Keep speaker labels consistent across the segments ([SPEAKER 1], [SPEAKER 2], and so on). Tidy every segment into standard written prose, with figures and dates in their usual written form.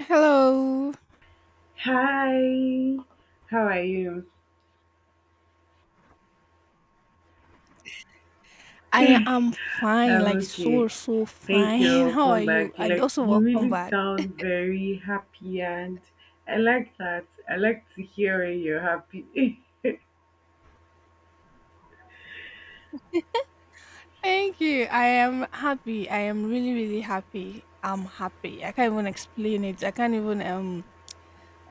[SPEAKER 1] Hello.
[SPEAKER 2] Hi, how are you?
[SPEAKER 1] I am fine,
[SPEAKER 2] I'm
[SPEAKER 1] like so,
[SPEAKER 2] okay.
[SPEAKER 1] so
[SPEAKER 2] Thank you.
[SPEAKER 1] fine. How are
[SPEAKER 2] Welcome
[SPEAKER 1] you?
[SPEAKER 2] back.
[SPEAKER 1] And
[SPEAKER 2] Like
[SPEAKER 1] also,
[SPEAKER 2] you
[SPEAKER 1] welcome
[SPEAKER 2] really
[SPEAKER 1] back.
[SPEAKER 2] sound very happy, and I like that. I like to hear when you're happy.
[SPEAKER 1] Thank you. I am happy. I am really, really happy. I'm happy. I can't even explain it. I can't even, um,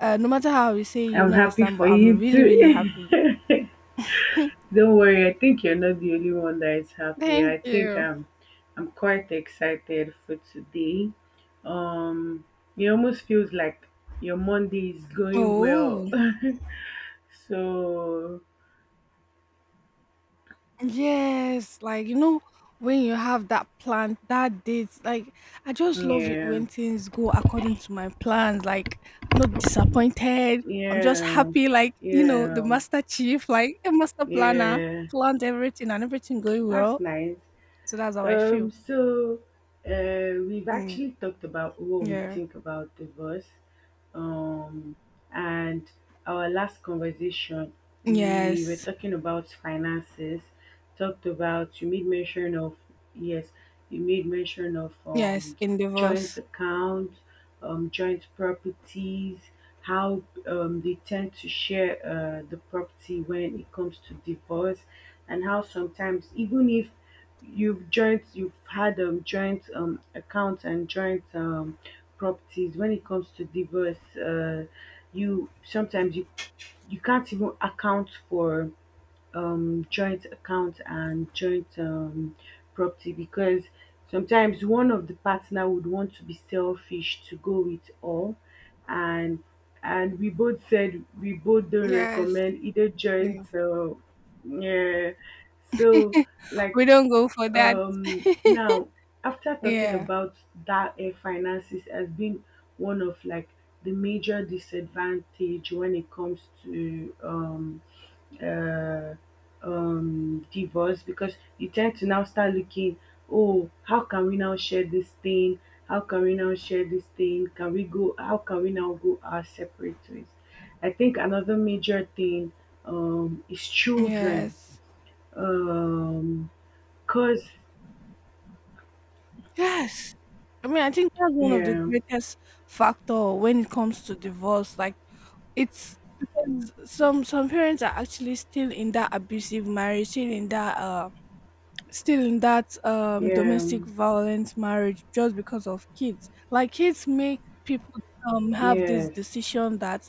[SPEAKER 1] uh, no matter how you say, you
[SPEAKER 2] I'm
[SPEAKER 1] don't
[SPEAKER 2] happy
[SPEAKER 1] understand,
[SPEAKER 2] for
[SPEAKER 1] but I'm
[SPEAKER 2] you
[SPEAKER 1] really, really
[SPEAKER 2] too.
[SPEAKER 1] happy.
[SPEAKER 2] Don't worry. I think you're not the only one that is happy.
[SPEAKER 1] Thank
[SPEAKER 2] I think
[SPEAKER 1] you.
[SPEAKER 2] I'm. I'm quite excited for today. Um, it almost feels like your Monday is going
[SPEAKER 1] Oh.
[SPEAKER 2] well. So,
[SPEAKER 1] Yes, like when you have that plan, that date, like I just love it
[SPEAKER 2] yeah.
[SPEAKER 1] when things go according to my plans. Like I'm not disappointed. I'm just
[SPEAKER 2] Yeah,
[SPEAKER 1] happy. Like the
[SPEAKER 2] yeah,
[SPEAKER 1] master chief, like a master planner,
[SPEAKER 2] yeah.
[SPEAKER 1] planned everything and everything going
[SPEAKER 2] That's
[SPEAKER 1] well.
[SPEAKER 2] nice.
[SPEAKER 1] So that's how I
[SPEAKER 2] Um,
[SPEAKER 1] feel.
[SPEAKER 2] so uh, we've
[SPEAKER 1] Mm,
[SPEAKER 2] actually talked about what we
[SPEAKER 1] yeah.
[SPEAKER 2] think about divorce. Um, and our last conversation, we were
[SPEAKER 1] Yes.
[SPEAKER 2] talking about finances. Talked about, you made mention of, yes, you made mention of
[SPEAKER 1] Yes. In
[SPEAKER 2] joint
[SPEAKER 1] divorce.
[SPEAKER 2] accounts, joint properties, how they tend to share the property when it comes to divorce, and how sometimes, even if you've had joint accounts and joint properties when it comes to divorce, you sometimes you can't even account for joint account and joint property, because sometimes one of the partner would want to be selfish to go with all. And and we both don't
[SPEAKER 1] Yes.
[SPEAKER 2] recommend either
[SPEAKER 1] Yeah.
[SPEAKER 2] joint, yeah. so
[SPEAKER 1] We
[SPEAKER 2] like
[SPEAKER 1] don't go for that.
[SPEAKER 2] now, after talking
[SPEAKER 1] Yeah.
[SPEAKER 2] about that, finances as being one of, like, the major disadvantage when it comes to uh, divorce, because you tend to now start looking, oh, how can we now share this thing? How can we now share this thing? Can we go? How can we now go our separate ways? I think another major thing, is children.
[SPEAKER 1] Yes.
[SPEAKER 2] Um, Cause,
[SPEAKER 1] Yes. I mean, I think that's one of the
[SPEAKER 2] yeah.
[SPEAKER 1] greatest factor when it comes to divorce. Like it's because some parents are actually still in that abusive marriage, still in that
[SPEAKER 2] Yeah.
[SPEAKER 1] domestic violence marriage, just because of kids, like kids make people have this
[SPEAKER 2] Yes.
[SPEAKER 1] decision that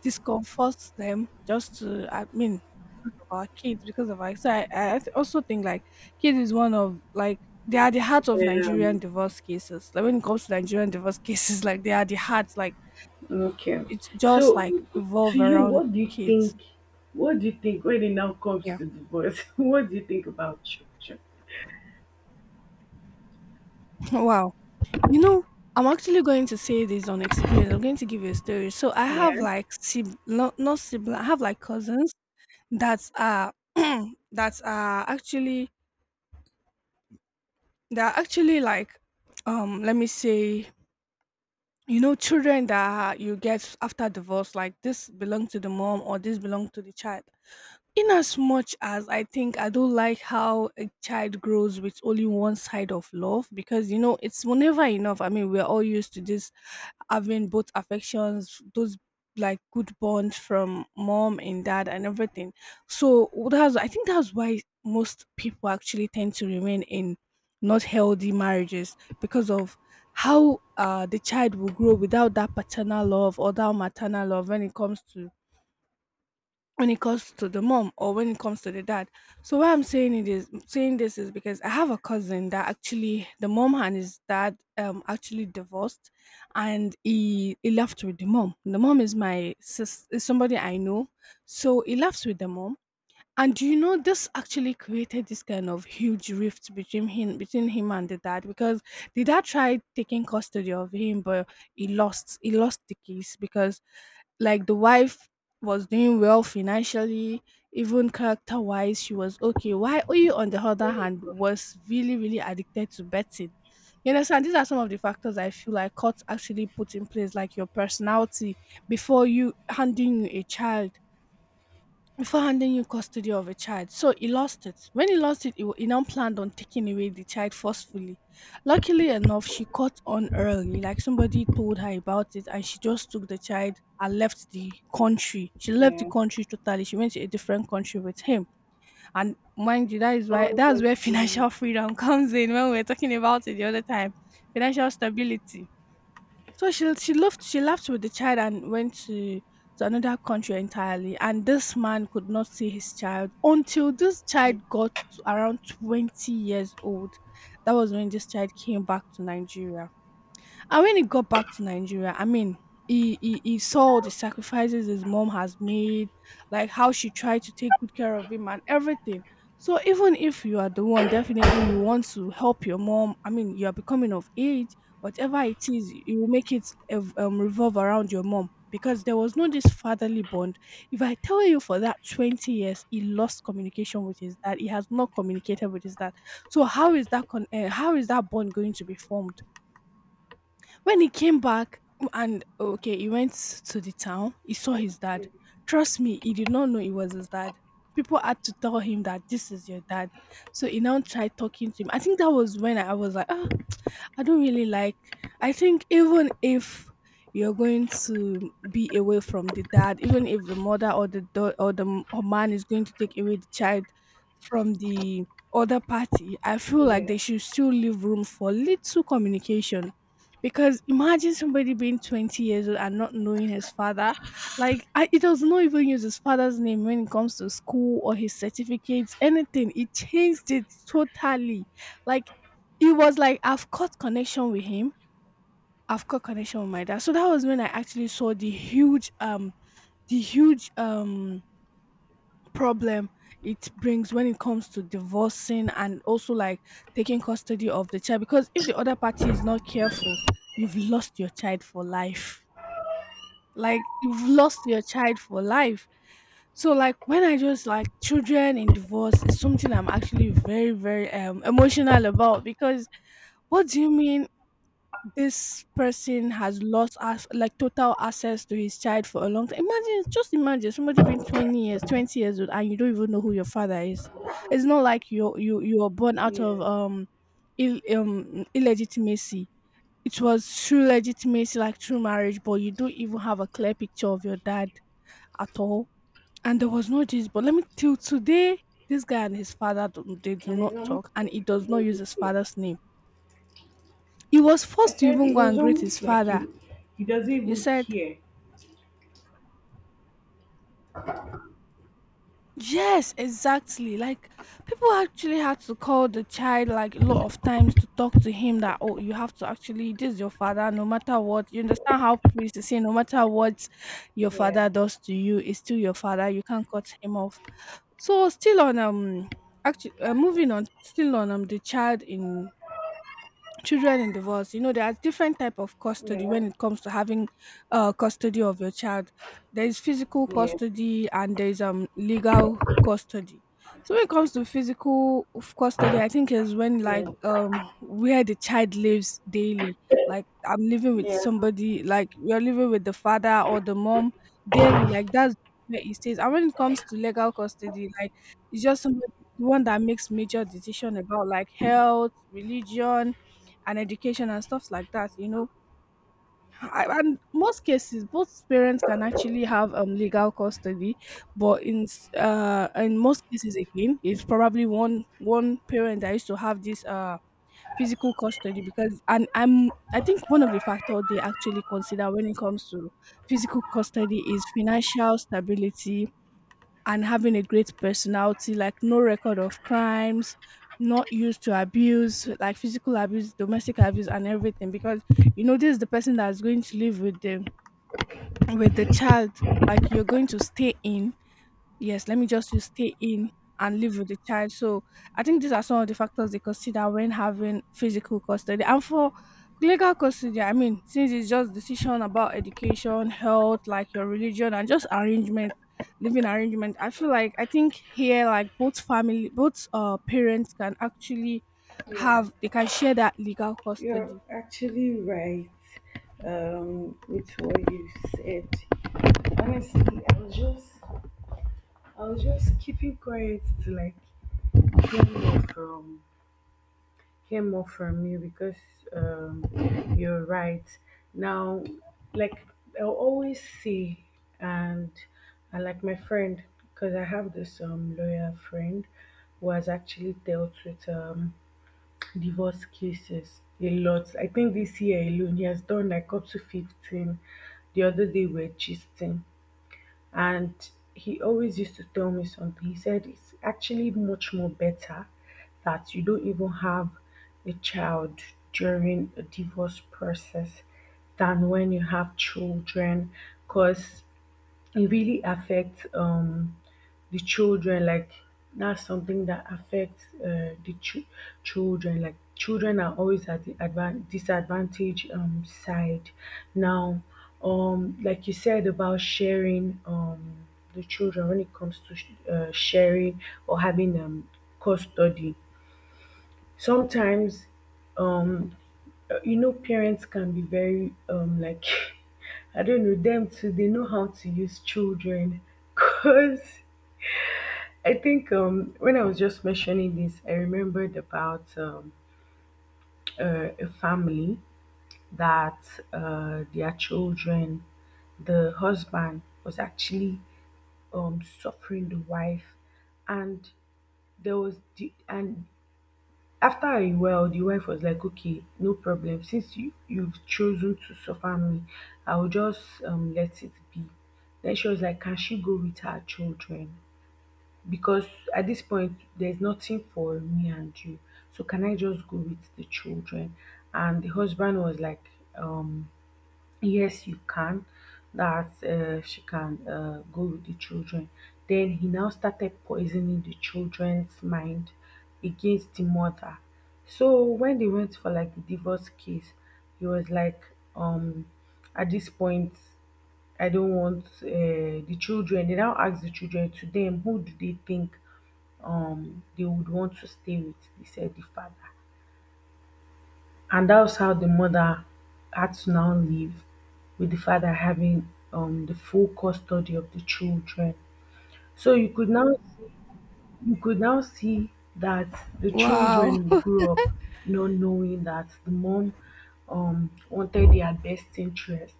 [SPEAKER 1] discomforts them, just to, I mean, because of our kids, because of our so I also think like kids is one of, like, they are the heart of
[SPEAKER 2] Yeah.
[SPEAKER 1] Nigerian divorce cases, like when it comes to Nigerian divorce cases, like they are the heart, like
[SPEAKER 2] Okay.
[SPEAKER 1] it's just like
[SPEAKER 2] So, to
[SPEAKER 1] evolve
[SPEAKER 2] you,
[SPEAKER 1] around
[SPEAKER 2] what do you
[SPEAKER 1] kids.
[SPEAKER 2] think? What do you think when it now comes
[SPEAKER 1] Yeah.
[SPEAKER 2] to divorce? What do you think about children?
[SPEAKER 1] Wow. You know, I'm actually going to say this on experience. I'm going to give you a story. So I have,
[SPEAKER 2] Yeah.
[SPEAKER 1] like, not sibling. I have like cousins that are that are actually they are actually like let me say, you know, children that you get after divorce, like this belong to the mom or this belong to the child. In as much as I think, I don't like how a child grows with only one side of love, because it's never enough. I mean, we're all used to this having both affections, those, like, good bonds from mom and dad and everything. So that's I think that's why most people actually tend to remain in not healthy marriages, because of how, the child will grow without that paternal love or that maternal love when it comes to the mom or when it comes to the dad. So why I'm saying it is saying this is because I have a cousin that actually the mom and his dad actually divorced, and he left with the mom. The mom is my sis is somebody I know. So he left with the mom, and do you know this actually created this kind of huge rift between him, and the dad, because the dad tried taking custody of him, but he lost the case, because, like, the wife was doing well financially, even character wise, she was okay. Why you, on the other hand, was really, really addicted to betting. You understand? These are some of the factors I feel like courts actually put in place, like your personality before you handing you a child, before handing you custody of a child. So he lost it. When he lost it, he now planned on taking away the child forcefully. Luckily enough, she caught on early. Like somebody told her about it, and she just took the child and left the country. She left the
[SPEAKER 2] Yeah.
[SPEAKER 1] country totally. She went to a different country with him. And mind you, that is why that's where
[SPEAKER 2] Honestly,
[SPEAKER 1] financial freedom comes in, when we were talking about it the other time. Financial stability. So she left with the child and went to another country entirely. And this man could not see his child until this child got to around 20 years old. That was when this child came back to Nigeria. And when he got back to Nigeria, I mean, he saw all the sacrifices his mom has made, like how she tried to take good care of him and everything. So even if you are the one, definitely you want to help your mom. I mean, you are becoming of age, whatever it is, you make it revolve around your mom, because there was no this fatherly bond. If I tell you, for that 20 years, he lost communication with his dad. He has not communicated with his dad. So how is how is that bond going to be formed? When he came back, and okay, he went to the town, he saw his dad.
[SPEAKER 2] everything.
[SPEAKER 1] Trust me, he did not know it was his dad. People had to tell him that this is your dad. So he now tried talking to him. I think that was when I was like, "Ah, I don't really like. I think even if you're going to be away from the dad, even if the mother or the or the or man is going to take away the child from the other party, I feel like they
[SPEAKER 2] Yeah.
[SPEAKER 1] should still leave room for little communication." Because imagine somebody being 20 years old and not knowing his father. Like, he does not even use his father's name when it comes to school or his certificates, anything. He changed it totally, like it was like I've caught connection with him. I've caught connection with my dad. So that was when I actually saw the huge problem it brings when it comes to divorcing, and also like taking custody of the child, because if the other party is not careful, you've lost your child for life. Like you've lost your child for life. So like when I just like children in divorce is something I'm actually very very emotional about, because what do you mean, this person has lost us like total access to his child for a long time. Imagine, just imagine somebody being 20 years, 20 years old, and you don't even know who your father is. It's not like you were born out of
[SPEAKER 2] Yes.
[SPEAKER 1] illegitimacy. It was true legitimacy, like true marriage, but you don't even have a clear picture of your dad at all. And there was no Jesus. But let me, till today, this guy and his father they do
[SPEAKER 2] And
[SPEAKER 1] not
[SPEAKER 2] it's almost
[SPEAKER 1] talk, and he
[SPEAKER 2] like he
[SPEAKER 1] does not
[SPEAKER 2] doesn't
[SPEAKER 1] use his
[SPEAKER 2] care.
[SPEAKER 1] father's name. He was
[SPEAKER 2] I
[SPEAKER 1] forced to
[SPEAKER 2] said
[SPEAKER 1] even
[SPEAKER 2] it
[SPEAKER 1] go and
[SPEAKER 2] was
[SPEAKER 1] greet his
[SPEAKER 2] almost like
[SPEAKER 1] father.
[SPEAKER 2] you. He doesn't
[SPEAKER 1] You
[SPEAKER 2] even
[SPEAKER 1] said,
[SPEAKER 2] care.
[SPEAKER 1] yes, exactly. Like, people actually had to call the child like a lot of times to talk to him that, oh, you have to actually, this is your father, no matter what. You understand how people used to say, no matter what your
[SPEAKER 2] Yeah.
[SPEAKER 1] father does to you, it's still your father. You can't cut him off. So, actually, moving on, still on, the child in children in divorce. You know, there are different type of
[SPEAKER 2] Yeah.
[SPEAKER 1] custody when it comes to having custody of your child. There is physical
[SPEAKER 2] Yeah.
[SPEAKER 1] custody, and there is legal custody. So when it comes to physical custody, I think is when, like,
[SPEAKER 2] Yeah.
[SPEAKER 1] where the child lives daily, like I'm living with
[SPEAKER 2] Yeah.
[SPEAKER 1] somebody, like you're living with the father or the mom daily, like that's where he stays. And when it comes to legal custody, like it's just somebody the one that makes major decision about, like, health, religion, and education, and stuff like that, you know. And most cases, both parents can actually have legal custody, but in most cases, again, it's probably one parent that used to have this physical custody, because and I'm I think one of the factors they actually consider when it comes to physical custody is financial stability, and having a great personality, like no record of crimes, not used to abuse, like physical abuse, domestic abuse, and everything. Because, you know, this is the person that's going to live with the child. Like you're going to stay in, yes, let me just use stay in and live with the child. So I think these are some of the factors they consider when having physical custody. And for legal custody, I mean, since it's just decision about education, health, like your religion and just arrangement, living arrangement, I feel like I think here, like, both parents can actually
[SPEAKER 2] Yeah.
[SPEAKER 1] have they can share that legal
[SPEAKER 2] You're
[SPEAKER 1] custody.
[SPEAKER 2] actually right, with what you said. Honestly, I was just keeping quiet to, like, hear more from hear more from you because, um, you're right. Now, like, I'll always see, and I like my friend because I have this lawyer friend who has actually dealt with divorce cases a lot. I think this year alone, he has done like up to 15. The other day, we were gisting, and he always used to tell me something. He said, "It's actually much more better that you don't even have a child during a divorce process than when you have children, because it really affects the children, like, that's something that affects, the children. Like, children are always at the disadvantage side now. Like you said about sharing the children, when it comes to sharing or having custody. Sometimes, um parents can be very like, I don't know them too, they know how to use children. Because I think, when I was just mentioning this, I remembered about a family that, their children, the husband was actually, suffering the wife, and and after a while, the wife was like, "Okay, no problem. Since you've chosen to suffer me, I will just, let it be." Then she was like, "Can she go with her children?" Because at this point there's nothing for me and you, so can I just go with the children? And the husband was like, um yes you can, that, she can, go with the children. Then he now started poisoning the children's mind against the mother. So when they went for like the divorce case, he was like, um at this point I don't want, the children. They now ask the children to them who do they think they would want to stay with, they said the father. And that was how the mother had to now live with the father having the full custody of the children. So you could now see that the
[SPEAKER 1] Wow.
[SPEAKER 2] children grew up not knowing that the mom wanted their best interest,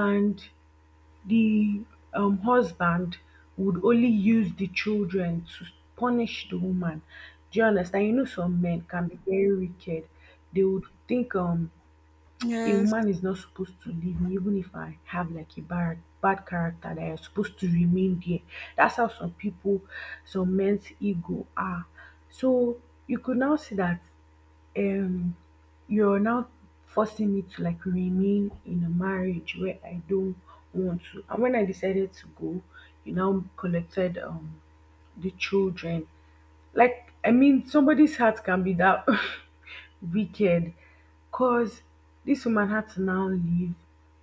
[SPEAKER 2] and the husband would only use the children to punish the woman. Do you understand? You know, some men can be very wicked. They would think, a
[SPEAKER 1] Yes.
[SPEAKER 2] woman is not supposed to leave me even if I have like a bad bad character, that you're supposed to remain there. That's how some people, some men's ego are. So you could now see that, um you're now forcing me to, like, remain in a marriage where I don't want to. And when I decided to go, you now collected the children. Like, I mean, somebody's heart can be that wicked, because this woman had to now leave,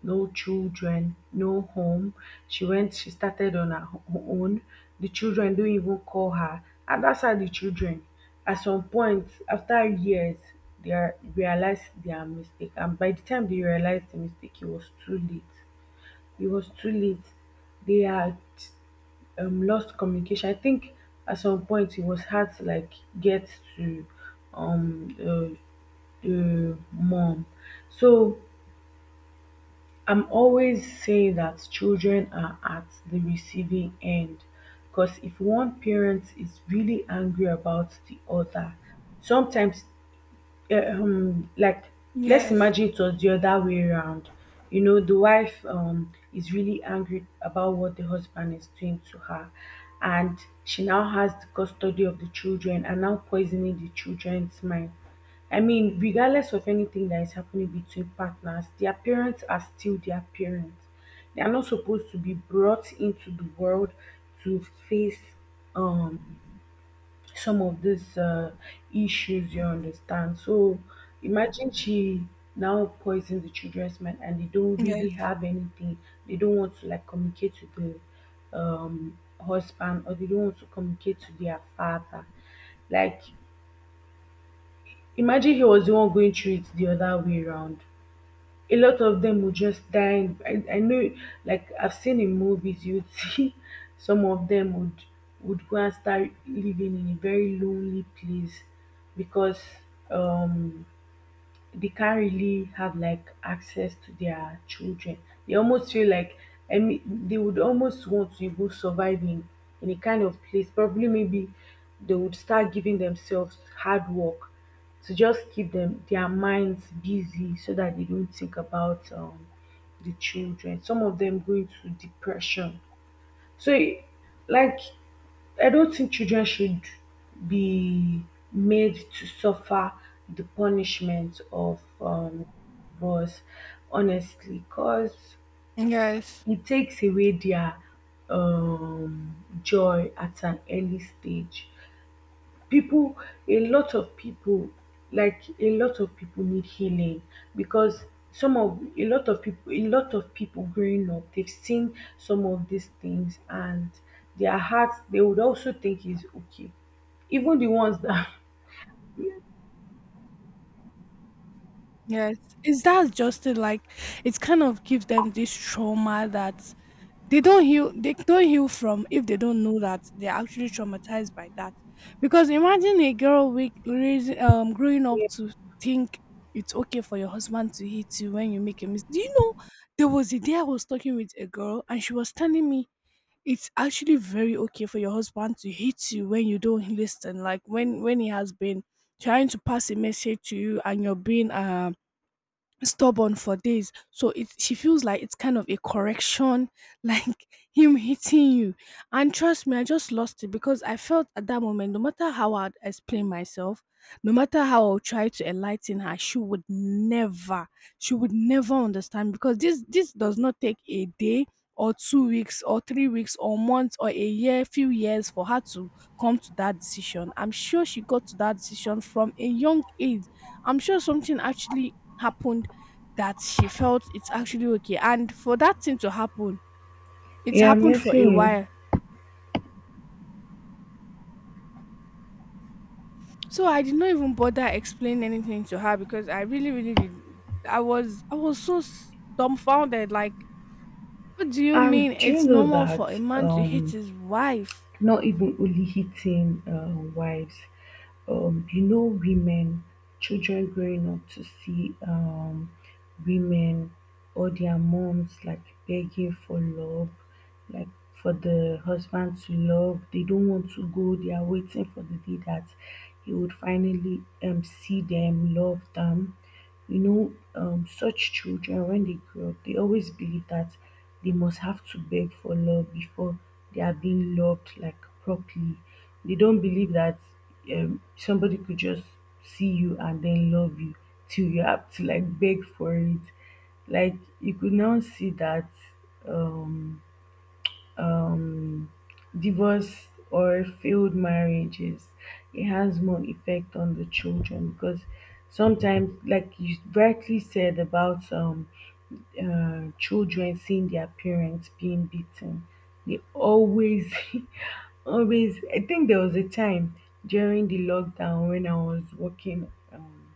[SPEAKER 2] no children, no home. She started on her own, the children don't even call her. And that's how the children at some point, after years, they are realize their mistake, and by the time they realized the mistake it was too late, it was too late. They had lost communication. I think at some point it was hard to, like, get to mom. So I'm always saying that children are at the receiving end, because if one parent is really angry about the other, sometimes, like, let's
[SPEAKER 1] Yes.
[SPEAKER 2] imagine it was the other way around, the wife is really angry about what the husband is doing to her, and she now has the custody of the children and now poisoning the children's mind. I mean, regardless of anything that is happening between partners, their parents are still their parents. They are not supposed to be brought into the world to face, um some of these, issues, you understand. So imagine she now poisons the children's mind and they don't really
[SPEAKER 1] Yes.
[SPEAKER 2] have anything. They don't want to, like, communicate to the, husband, or they don't want to communicate to their father. Like, imagine he was the one going through it the other way around, a lot of them will just die. And I know, like I've seen in movies, you'd see some of them would go and start living in a very lonely place, because um they can't really have, like, access to their children. They almost feel like, I mean, they would almost want to even survive in, a kind of place. Probably maybe they would start giving themselves hard work to just keep them their minds busy, so that they don't think about, the children. Some of them go into depression. So, like, I don't think children should be made to suffer the punishment of, divorce, honestly, because
[SPEAKER 1] Yes.
[SPEAKER 2] it takes away their, joy at an early stage. People A lot of people, like, a lot of people need healing, because some of a lot of people growing up, they've seen some of these things, and their hearts, they would also think is okay, even the ones that
[SPEAKER 1] Yes, is that just it? Like, it kind of gives them this trauma that they don't heal. They don't heal from, if they don't know that they're actually traumatized by that. Because imagine a girl growing up to think it's okay for your husband to hit you when you make a mistake. Do you know there was a day I was talking with a girl and she was telling me it's actually very okay for your husband to hit you when you don't listen, like when he has been trying to pass a message to you and you're being stubborn for days. So it she feels like it's kind of a correction, like him hitting you. And trust me, I just lost it because I felt at that moment, no matter how I'd explain myself, no matter how I'll try to enlighten her, she would never understand because this does not take a day or 2 weeks or 3 weeks or months or a year, few years for her to come to that decision. I'm sure she got to that decision from a young age. I'm sure something actually happened that she felt it's actually okay. And for that thing to happen, it
[SPEAKER 2] yeah. I'm
[SPEAKER 1] happened for
[SPEAKER 2] guessing
[SPEAKER 1] a
[SPEAKER 2] you.
[SPEAKER 1] while. So I did not even bother explaining anything to her because I really, really did. I was so dumbfounded. Like, what do you mean?
[SPEAKER 2] And do you
[SPEAKER 1] It's
[SPEAKER 2] know
[SPEAKER 1] normal for a
[SPEAKER 2] that,
[SPEAKER 1] man to hit
[SPEAKER 2] um
[SPEAKER 1] his wife.
[SPEAKER 2] not even only hitting wives, women, children growing up to see women or their moms, like, begging for love, like, for the husband to love? They don't want to go, they are waiting for the day that he would finally see them, love them. Such children, when they grow up, they always believe that they must have to beg for love before they are being loved, like, properly. They don't believe that, somebody could just see you and then love you, till you have to, like, beg for it. Like, you could now see that, um um, divorce or failed marriages, it has more effect on the children, because sometimes, like you rightly said about, children seeing their parents being beaten. They always, always. I think there was a time during the lockdown when I was working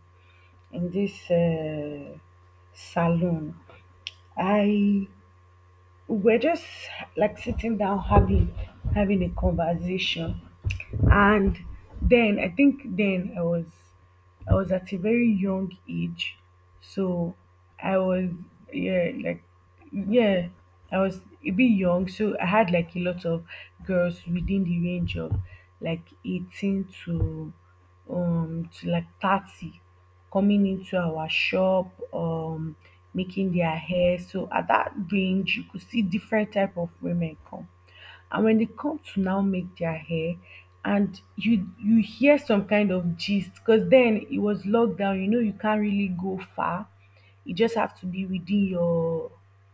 [SPEAKER 2] in this, salon. I We're just, like, sitting down having a conversation. And then, I think, then I was I was at a very young age, so I was yeah, like, yeah, I was a bit young. So I had, like, a lot of girls within the range of, like, 18 to like 30 coming into our shop, making their hair. So at that range you could see different type of women come, and when they come to now make their hair, and you hear some kind of gist, because then it was lockdown, you can't really go far. You just have to be within your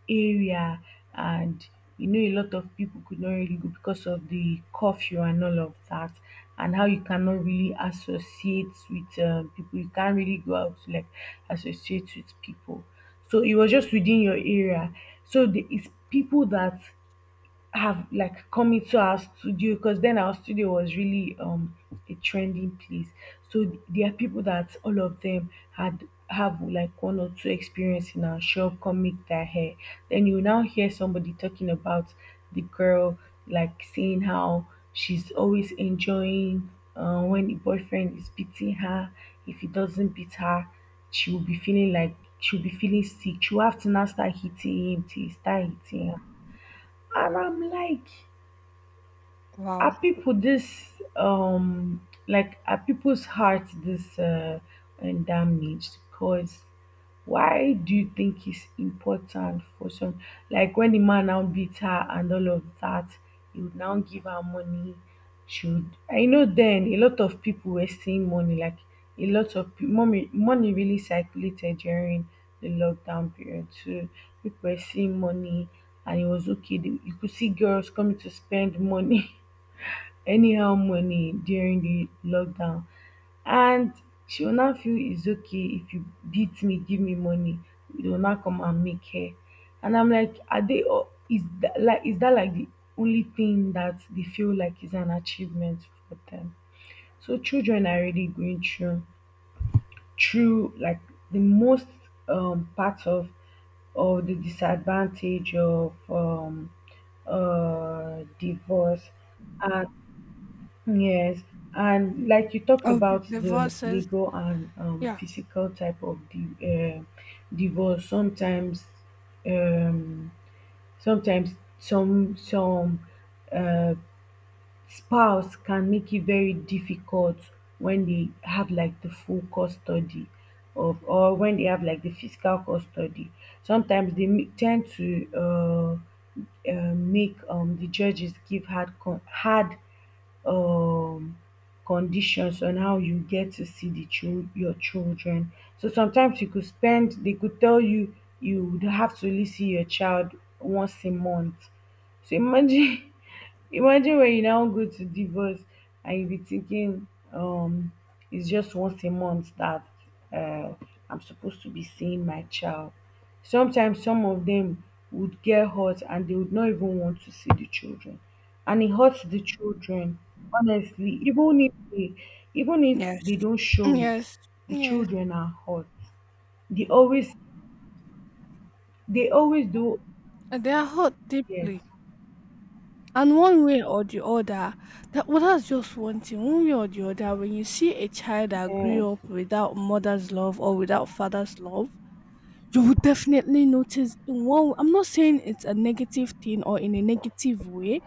[SPEAKER 2] area. And a lot of people could not really go because of the curfew and all of that, and how you cannot really associate with people. You can't really go out to like associate with people, so it was just within your area. So there is people that have like coming to our studio, because then our studio was really a trending place. So there are people that all of them had have like one or two experience in our shop, come make their hair. Then you now hear somebody talking about the girl, like saying how she's always enjoying when the boyfriend is beating her. If he doesn't beat her, she'll be feeling sick. She'll have to now start hitting him till he start hitting her. And I'm like,
[SPEAKER 1] Wow.
[SPEAKER 2] are people this like are people's hearts this and damaged, because why do you think it's important for some, like when the man now beat her and all of that, he would now give her money? Should I know, then a lot of people were seeing money, like a lot of money really circulated during the lockdown period too. People were seeing money, and it was okay you could see girls coming to spend money anyhow money during the lockdown. And she will now feel it's okay, if you beat me, give me money. They will now come and make hair. And I'm like, are they all is that like the only thing that they feel like is an achievement for them? So children are already going through like the most part of the disadvantage of divorce and yes. And like you talked
[SPEAKER 1] Of
[SPEAKER 2] about the
[SPEAKER 1] divorces,
[SPEAKER 2] legal and
[SPEAKER 1] yeah.
[SPEAKER 2] physical type of the divorce. Sometimes, um, sometimes some uh, spouse can make it very difficult when they have like the full custody of, or when they have like the physical custody. Sometimes they tend to make the judges give hard hard um conditions on how you get to see the your children. So sometimes you could spend they could tell you would have to only see your child once a month. So imagine imagine when you now go to divorce and you be thinking, it's just once a month that uh, I'm supposed to be seeing my child. Sometimes some of them would get hurt and they would not even want to see the children. And it hurts the children, honestly. Even if
[SPEAKER 1] Yes.
[SPEAKER 2] they don't show it,
[SPEAKER 1] Yes,
[SPEAKER 2] the
[SPEAKER 1] yes.
[SPEAKER 2] children are hurt. They always they always do.
[SPEAKER 1] And they are hurt
[SPEAKER 2] Yes.
[SPEAKER 1] deeply. And one way or the other, that well, that's just one thing. One way or the other, when you see a child that
[SPEAKER 2] Yes.
[SPEAKER 1] grew up without mother's love or without father's love, you will definitely notice in one. I'm not saying it's a negative thing or in a negative way,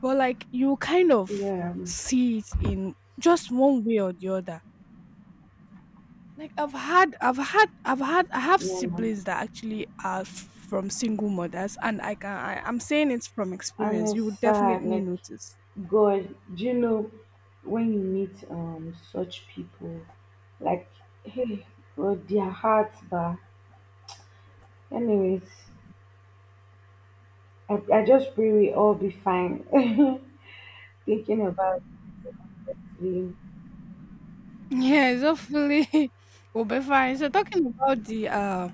[SPEAKER 1] but like you kind of
[SPEAKER 2] Yeah.
[SPEAKER 1] see it in just one way or the other. Like I have
[SPEAKER 2] Yeah.
[SPEAKER 1] siblings that actually are from single mothers, and I'm saying it's from
[SPEAKER 2] And
[SPEAKER 1] experience.
[SPEAKER 2] it's
[SPEAKER 1] You would
[SPEAKER 2] sad,
[SPEAKER 1] definitely
[SPEAKER 2] like
[SPEAKER 1] notice.
[SPEAKER 2] God, do you know, when you meet such people, like hey, God, their hearts bar. Anyways, I just pray we all be fine. Thinking about the.
[SPEAKER 1] Yes, hopefully we'll be fine. So talking about the uh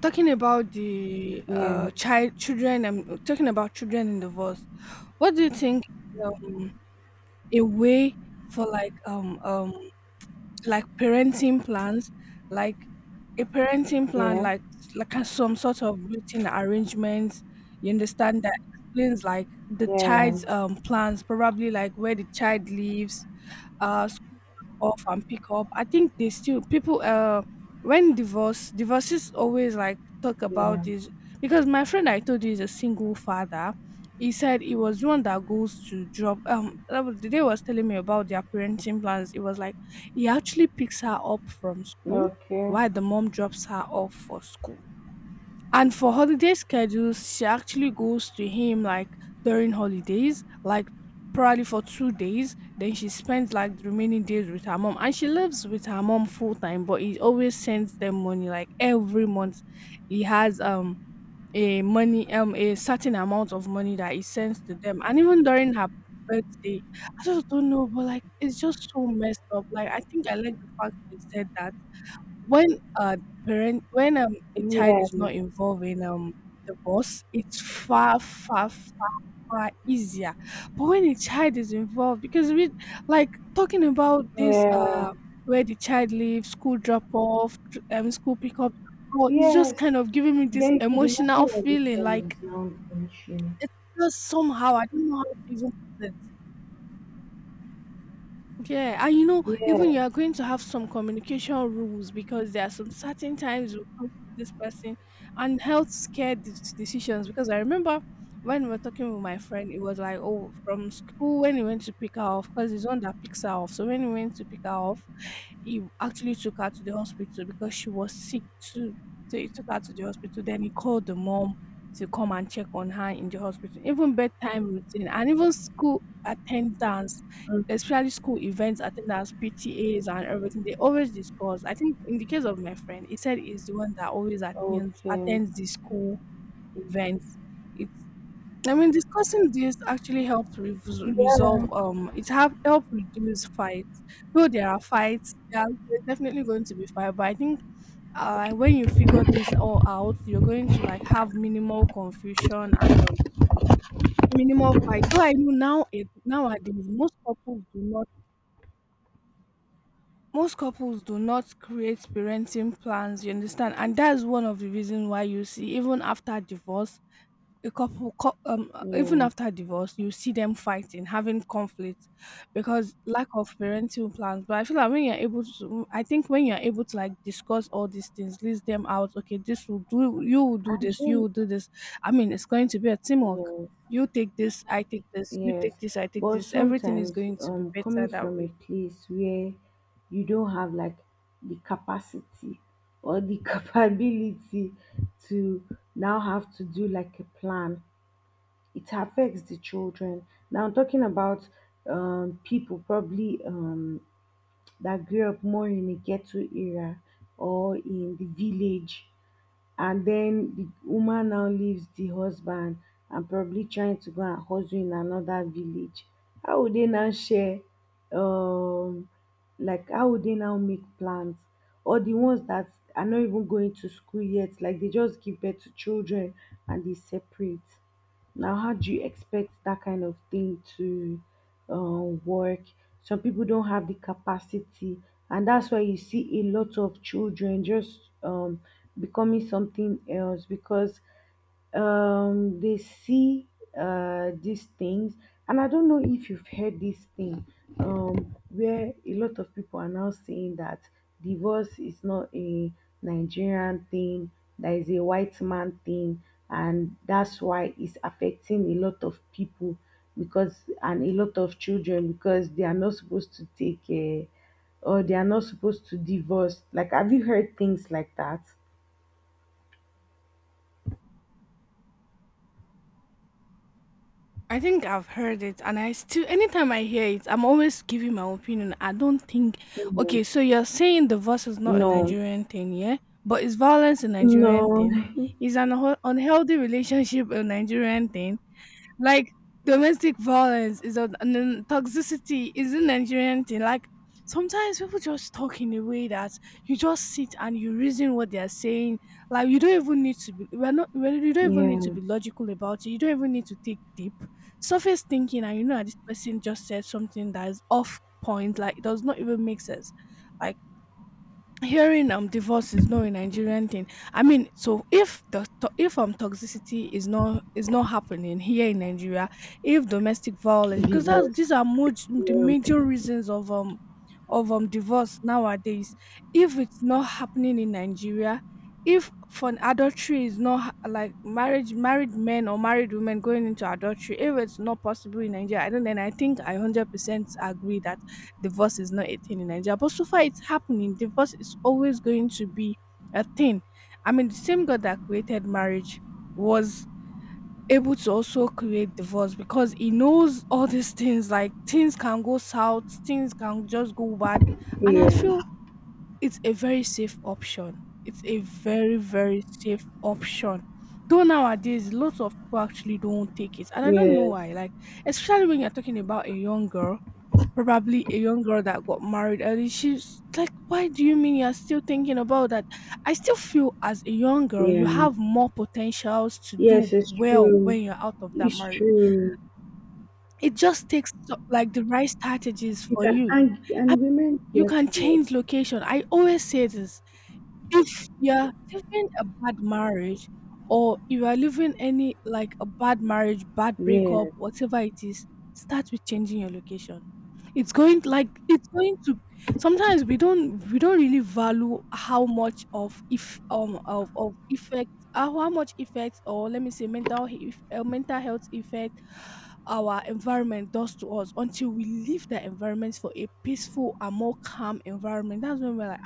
[SPEAKER 1] talking about the
[SPEAKER 2] Yeah,
[SPEAKER 1] uh child children, and talking about children in divorce, what do you think, um a way for, like parenting plans, like a parenting plan,
[SPEAKER 2] yeah,
[SPEAKER 1] like some sort of written arrangements, you understand, that explains like the
[SPEAKER 2] yeah,
[SPEAKER 1] child's plans, probably like where the child lives, school drop off and pick up. I think they still people when divorces always like talk about
[SPEAKER 2] yeah.
[SPEAKER 1] this, because my friend I told you is a single father. He said he was the one that goes to drop, the day he was telling me about their parenting plans, it was like he actually picks her up from school
[SPEAKER 2] Okay.
[SPEAKER 1] while the mom drops her off for school. And for holiday schedules, she actually goes to him like during holidays, like probably for 2 days. Then she spends like the remaining days with her mom. And she lives with her mom full time, but he always sends them money like every month. He has a certain amount of money that he sends to them. And even during her birthday, I just don't know, but like it's just so messed up. Like I think I like the fact you said that when a parent when, um, a child is
[SPEAKER 2] Yeah,
[SPEAKER 1] not involved in, divorce, it's far, far, far easier. But when a child is involved, because we like, talking about this,
[SPEAKER 2] yeah,
[SPEAKER 1] where the child leaves school drop off, tr school pickup, well, it's just
[SPEAKER 2] yes.
[SPEAKER 1] kind of giving me this
[SPEAKER 2] Then you could imagine
[SPEAKER 1] emotional
[SPEAKER 2] what the
[SPEAKER 1] feeling,
[SPEAKER 2] child
[SPEAKER 1] like,
[SPEAKER 2] is now going through.
[SPEAKER 1] it's just somehow, I don't know how to even put it. Yeah, and you know, even
[SPEAKER 2] Yes.
[SPEAKER 1] you are going to have some communication rules because there are some certain times you talk to this person, and health scare decisions. Because I remember when we were talking with my friend, it was like, oh, from school when he went to pick her off, because he's the one that picks her off. So when he went to pick her off, he actually took her to the hospital because she was sick too. So he took her to the hospital. Then he called the mom to come and check on her in the hospital. Even bedtime routine and even school attendance, especially school events, attendance, PTAs, and everything, they always discuss. I think in the case of my friend, he said he's the one that always attends
[SPEAKER 2] Okay.
[SPEAKER 1] attends the school events. It's I mean, discussing this actually helps resolve.
[SPEAKER 2] Yeah.
[SPEAKER 1] It have help reduce fights. Though there are fights, there are definitely going to be fight. But I think, when you figure this all out, you're going to like have minimal confusion and, minimal fight. Though I know nowadays, most couples do not create parenting plans, you understand, and that's one of the reasons why
[SPEAKER 2] Yeah.
[SPEAKER 1] even after divorce you see them fighting, having conflict, because lack of parenting plans. But I feel like when you're able to, like discuss all these things, list them out: okay, this will do you will do this, you
[SPEAKER 2] Actually,
[SPEAKER 1] will do this. I mean, it's going to be a teamwork.
[SPEAKER 2] yes,
[SPEAKER 1] You take this, I take this, you take
[SPEAKER 2] yes.
[SPEAKER 1] this, I take
[SPEAKER 2] But
[SPEAKER 1] this. Everything is
[SPEAKER 2] sometimes,
[SPEAKER 1] going to be better
[SPEAKER 2] coming
[SPEAKER 1] that
[SPEAKER 2] from a
[SPEAKER 1] way.
[SPEAKER 2] place where you don't have like the capacity or the capability to now have to do like a plan, it affects the children. Now, I'm talking about people probably that grew up more in a ghetto area or in the village, and then the woman now leaves the husband and probably trying to go and hustle in another village. How would they now share, um like how would they now make plans, or the ones that are not even going to school yet, like they just give birth to children and they separate. Now, how do you expect that kind of thing to work? Some people don't have the capacity, and that's why you see a lot of children just becoming something else, because they see these things. And I don't know if you've heard this thing, where a lot of people are now saying that divorce is not a Nigerian thing, that is a white man thing, and that's why it's affecting a lot of people, because and a lot of children, because they are not supposed to take care, or they are not supposed to divorce. Like, have you heard things like that?
[SPEAKER 1] I think I've heard it, and I still, anytime I hear it, I'm always giving my opinion. I don't think,
[SPEAKER 2] Mhm.
[SPEAKER 1] okay, so you're saying divorce is not a
[SPEAKER 2] No,
[SPEAKER 1] Nigerian thing, yeah? But is violence a Nigerian
[SPEAKER 2] no.
[SPEAKER 1] thing? Is an unhealthy relationship a Nigerian thing? Like domestic violence is a, and then toxicity is a Nigerian thing. Like sometimes people just talk in a way that you just sit and you reason what they are saying. Like you don't even need to be we're not we're, you don't even need to
[SPEAKER 2] Yeah,
[SPEAKER 1] be logical about it. You don't even need to think deep. Surface thinking, and you know that this person just said something that is off point, like it does not even make sense. Like hearing divorce is not a Nigerian thing. I mean, so if toxicity is not happening here in Nigeria, if domestic violence, because that's,
[SPEAKER 2] divorce.
[SPEAKER 1] these are much the
[SPEAKER 2] Yeah,
[SPEAKER 1] major reasons of divorce nowadays. If it's not happening in Nigeria, if for an adultery is not like marriage married men or married women going into adultery, if it's not possible in Nigeria, I don't then I think I 100% agree that divorce is not a thing in Nigeria. But so far it's happening. Divorce is always going to be a thing. I mean, the same God that created marriage was able to also create divorce because he knows all these things. Like things can go south, things can just go bad. And I
[SPEAKER 2] yeah,
[SPEAKER 1] feel it's a very safe option. It's a very, very safe option. Though nowadays lots of people actually don't take it. And I don't know
[SPEAKER 2] yes,
[SPEAKER 1] why. Like, especially when you're talking about a young girl. Probably a young girl that got married early. She's like, why do you mean you're still thinking about that? I still feel as a young girl, you
[SPEAKER 2] yeah,
[SPEAKER 1] have more potentials to do
[SPEAKER 2] yes. It's
[SPEAKER 1] well
[SPEAKER 2] true.
[SPEAKER 1] when you're out of that
[SPEAKER 2] It's
[SPEAKER 1] marriage.
[SPEAKER 2] true.
[SPEAKER 1] It just takes like the right strategies
[SPEAKER 2] You
[SPEAKER 1] for
[SPEAKER 2] can,
[SPEAKER 1] you.
[SPEAKER 2] and
[SPEAKER 1] I,
[SPEAKER 2] and women
[SPEAKER 1] you
[SPEAKER 2] get
[SPEAKER 1] can
[SPEAKER 2] help.
[SPEAKER 1] change location. I always say this: if you're living a bad marriage, or you are living any like a bad marriage, bad breakup,
[SPEAKER 2] Yes,
[SPEAKER 1] whatever it is, start with changing your location. It's going like it's going to Sometimes we don't really value how much of if of effect how much effect, or let me say mental mental health effect our environment does to us, until we leave that environment for a peaceful and more calm environment. That's when we're like,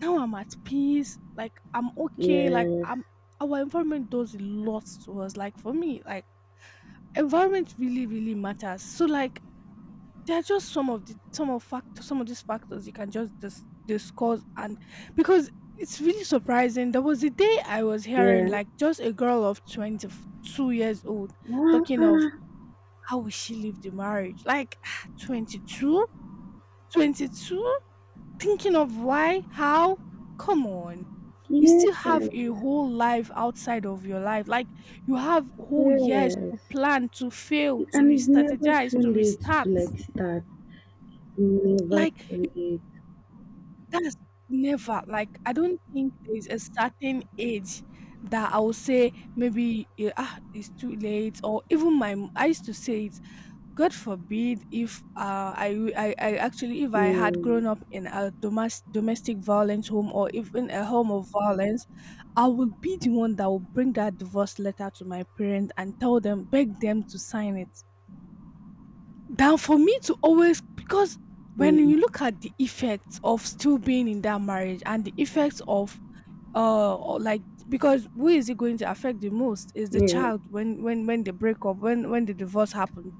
[SPEAKER 1] now I'm at peace. Like I'm okay. Like
[SPEAKER 2] yes,
[SPEAKER 1] I'm our environment does a lot to us. Like for me, like environment really, really matters. So like there are just some of these factors you can just discuss, and because it's really surprising. There was a day I was hearing
[SPEAKER 2] yeah.
[SPEAKER 1] like just a girl of 22 years old
[SPEAKER 2] Ah,
[SPEAKER 1] talking of
[SPEAKER 2] ah,
[SPEAKER 1] how will she leave the marriage? Like 22, 22. Thinking of why, how, come on, you
[SPEAKER 2] yes,
[SPEAKER 1] still have a whole life outside of your life. Like you have whole years
[SPEAKER 2] yes.
[SPEAKER 1] to plan, to fail, to
[SPEAKER 2] And it's never
[SPEAKER 1] re-strategize,
[SPEAKER 2] too
[SPEAKER 1] to
[SPEAKER 2] late to
[SPEAKER 1] restart.
[SPEAKER 2] like start. Never
[SPEAKER 1] Like
[SPEAKER 2] too late.
[SPEAKER 1] that's, never, like I don't think there's a certain age that I will say maybe it's too late. Or even I used to say it, God forbid, if I, w- I actually if I had
[SPEAKER 2] Yeah,
[SPEAKER 1] grown up in a domestic violence home, or even a home of violence, I would be the one that would bring that divorce letter to my parents and tell them, beg them to sign it. Than for me to always, because when
[SPEAKER 2] mm,
[SPEAKER 1] you look at the effects of still being in that marriage and the effects of or like because who is it going to affect the most is the
[SPEAKER 2] yeah,
[SPEAKER 1] child when they break up, when the divorce happens,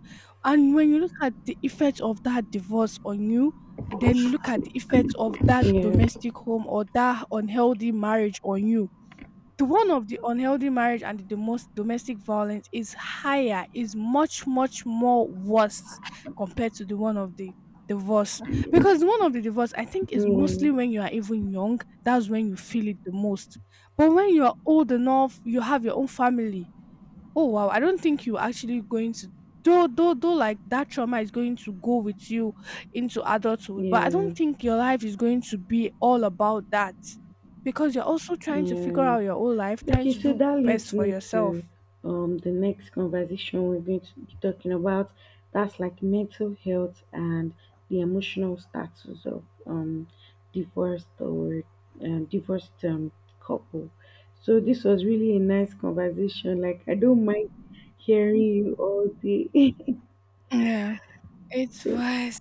[SPEAKER 1] and when you look at the effect of that divorce on you, then you look at the effect of that
[SPEAKER 2] yes,
[SPEAKER 1] domestic home or that unhealthy marriage on you, the one of the unhealthy marriage and the domestic violence is higher, is much more worse compared to the one of the divorce. Because the one of the divorce, I think, is mostly
[SPEAKER 2] yes,
[SPEAKER 1] when you are even young, that's when you feel it the most. But when you are old enough, you have your own family, oh wow, I don't think you're actually going to, though like that trauma is going to go with you into adulthood. But I don't
[SPEAKER 2] yes,
[SPEAKER 1] think your life is going to be all about that, because you're also trying to figure out
[SPEAKER 2] yes.
[SPEAKER 1] your own life, trying
[SPEAKER 2] Okay,
[SPEAKER 1] to
[SPEAKER 2] so
[SPEAKER 1] do
[SPEAKER 2] that
[SPEAKER 1] best
[SPEAKER 2] leads
[SPEAKER 1] for
[SPEAKER 2] me to
[SPEAKER 1] yourself.
[SPEAKER 2] the next conversation we're going to be talking about. That's like mental health and the emotional status of divorced or divorced couple. So this was really a nice conversation. Like I don't mind hearing you all day.
[SPEAKER 1] Yeah, it was.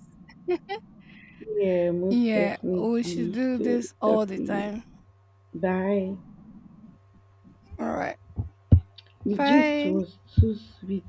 [SPEAKER 2] Yeah, most
[SPEAKER 1] Yeah, we should
[SPEAKER 2] definitely.
[SPEAKER 1] do
[SPEAKER 2] So
[SPEAKER 1] this all
[SPEAKER 2] talk
[SPEAKER 1] the
[SPEAKER 2] to you.
[SPEAKER 1] time.
[SPEAKER 2] Bye.
[SPEAKER 1] All right.
[SPEAKER 2] The gist
[SPEAKER 1] Bye.
[SPEAKER 2] was too sweet.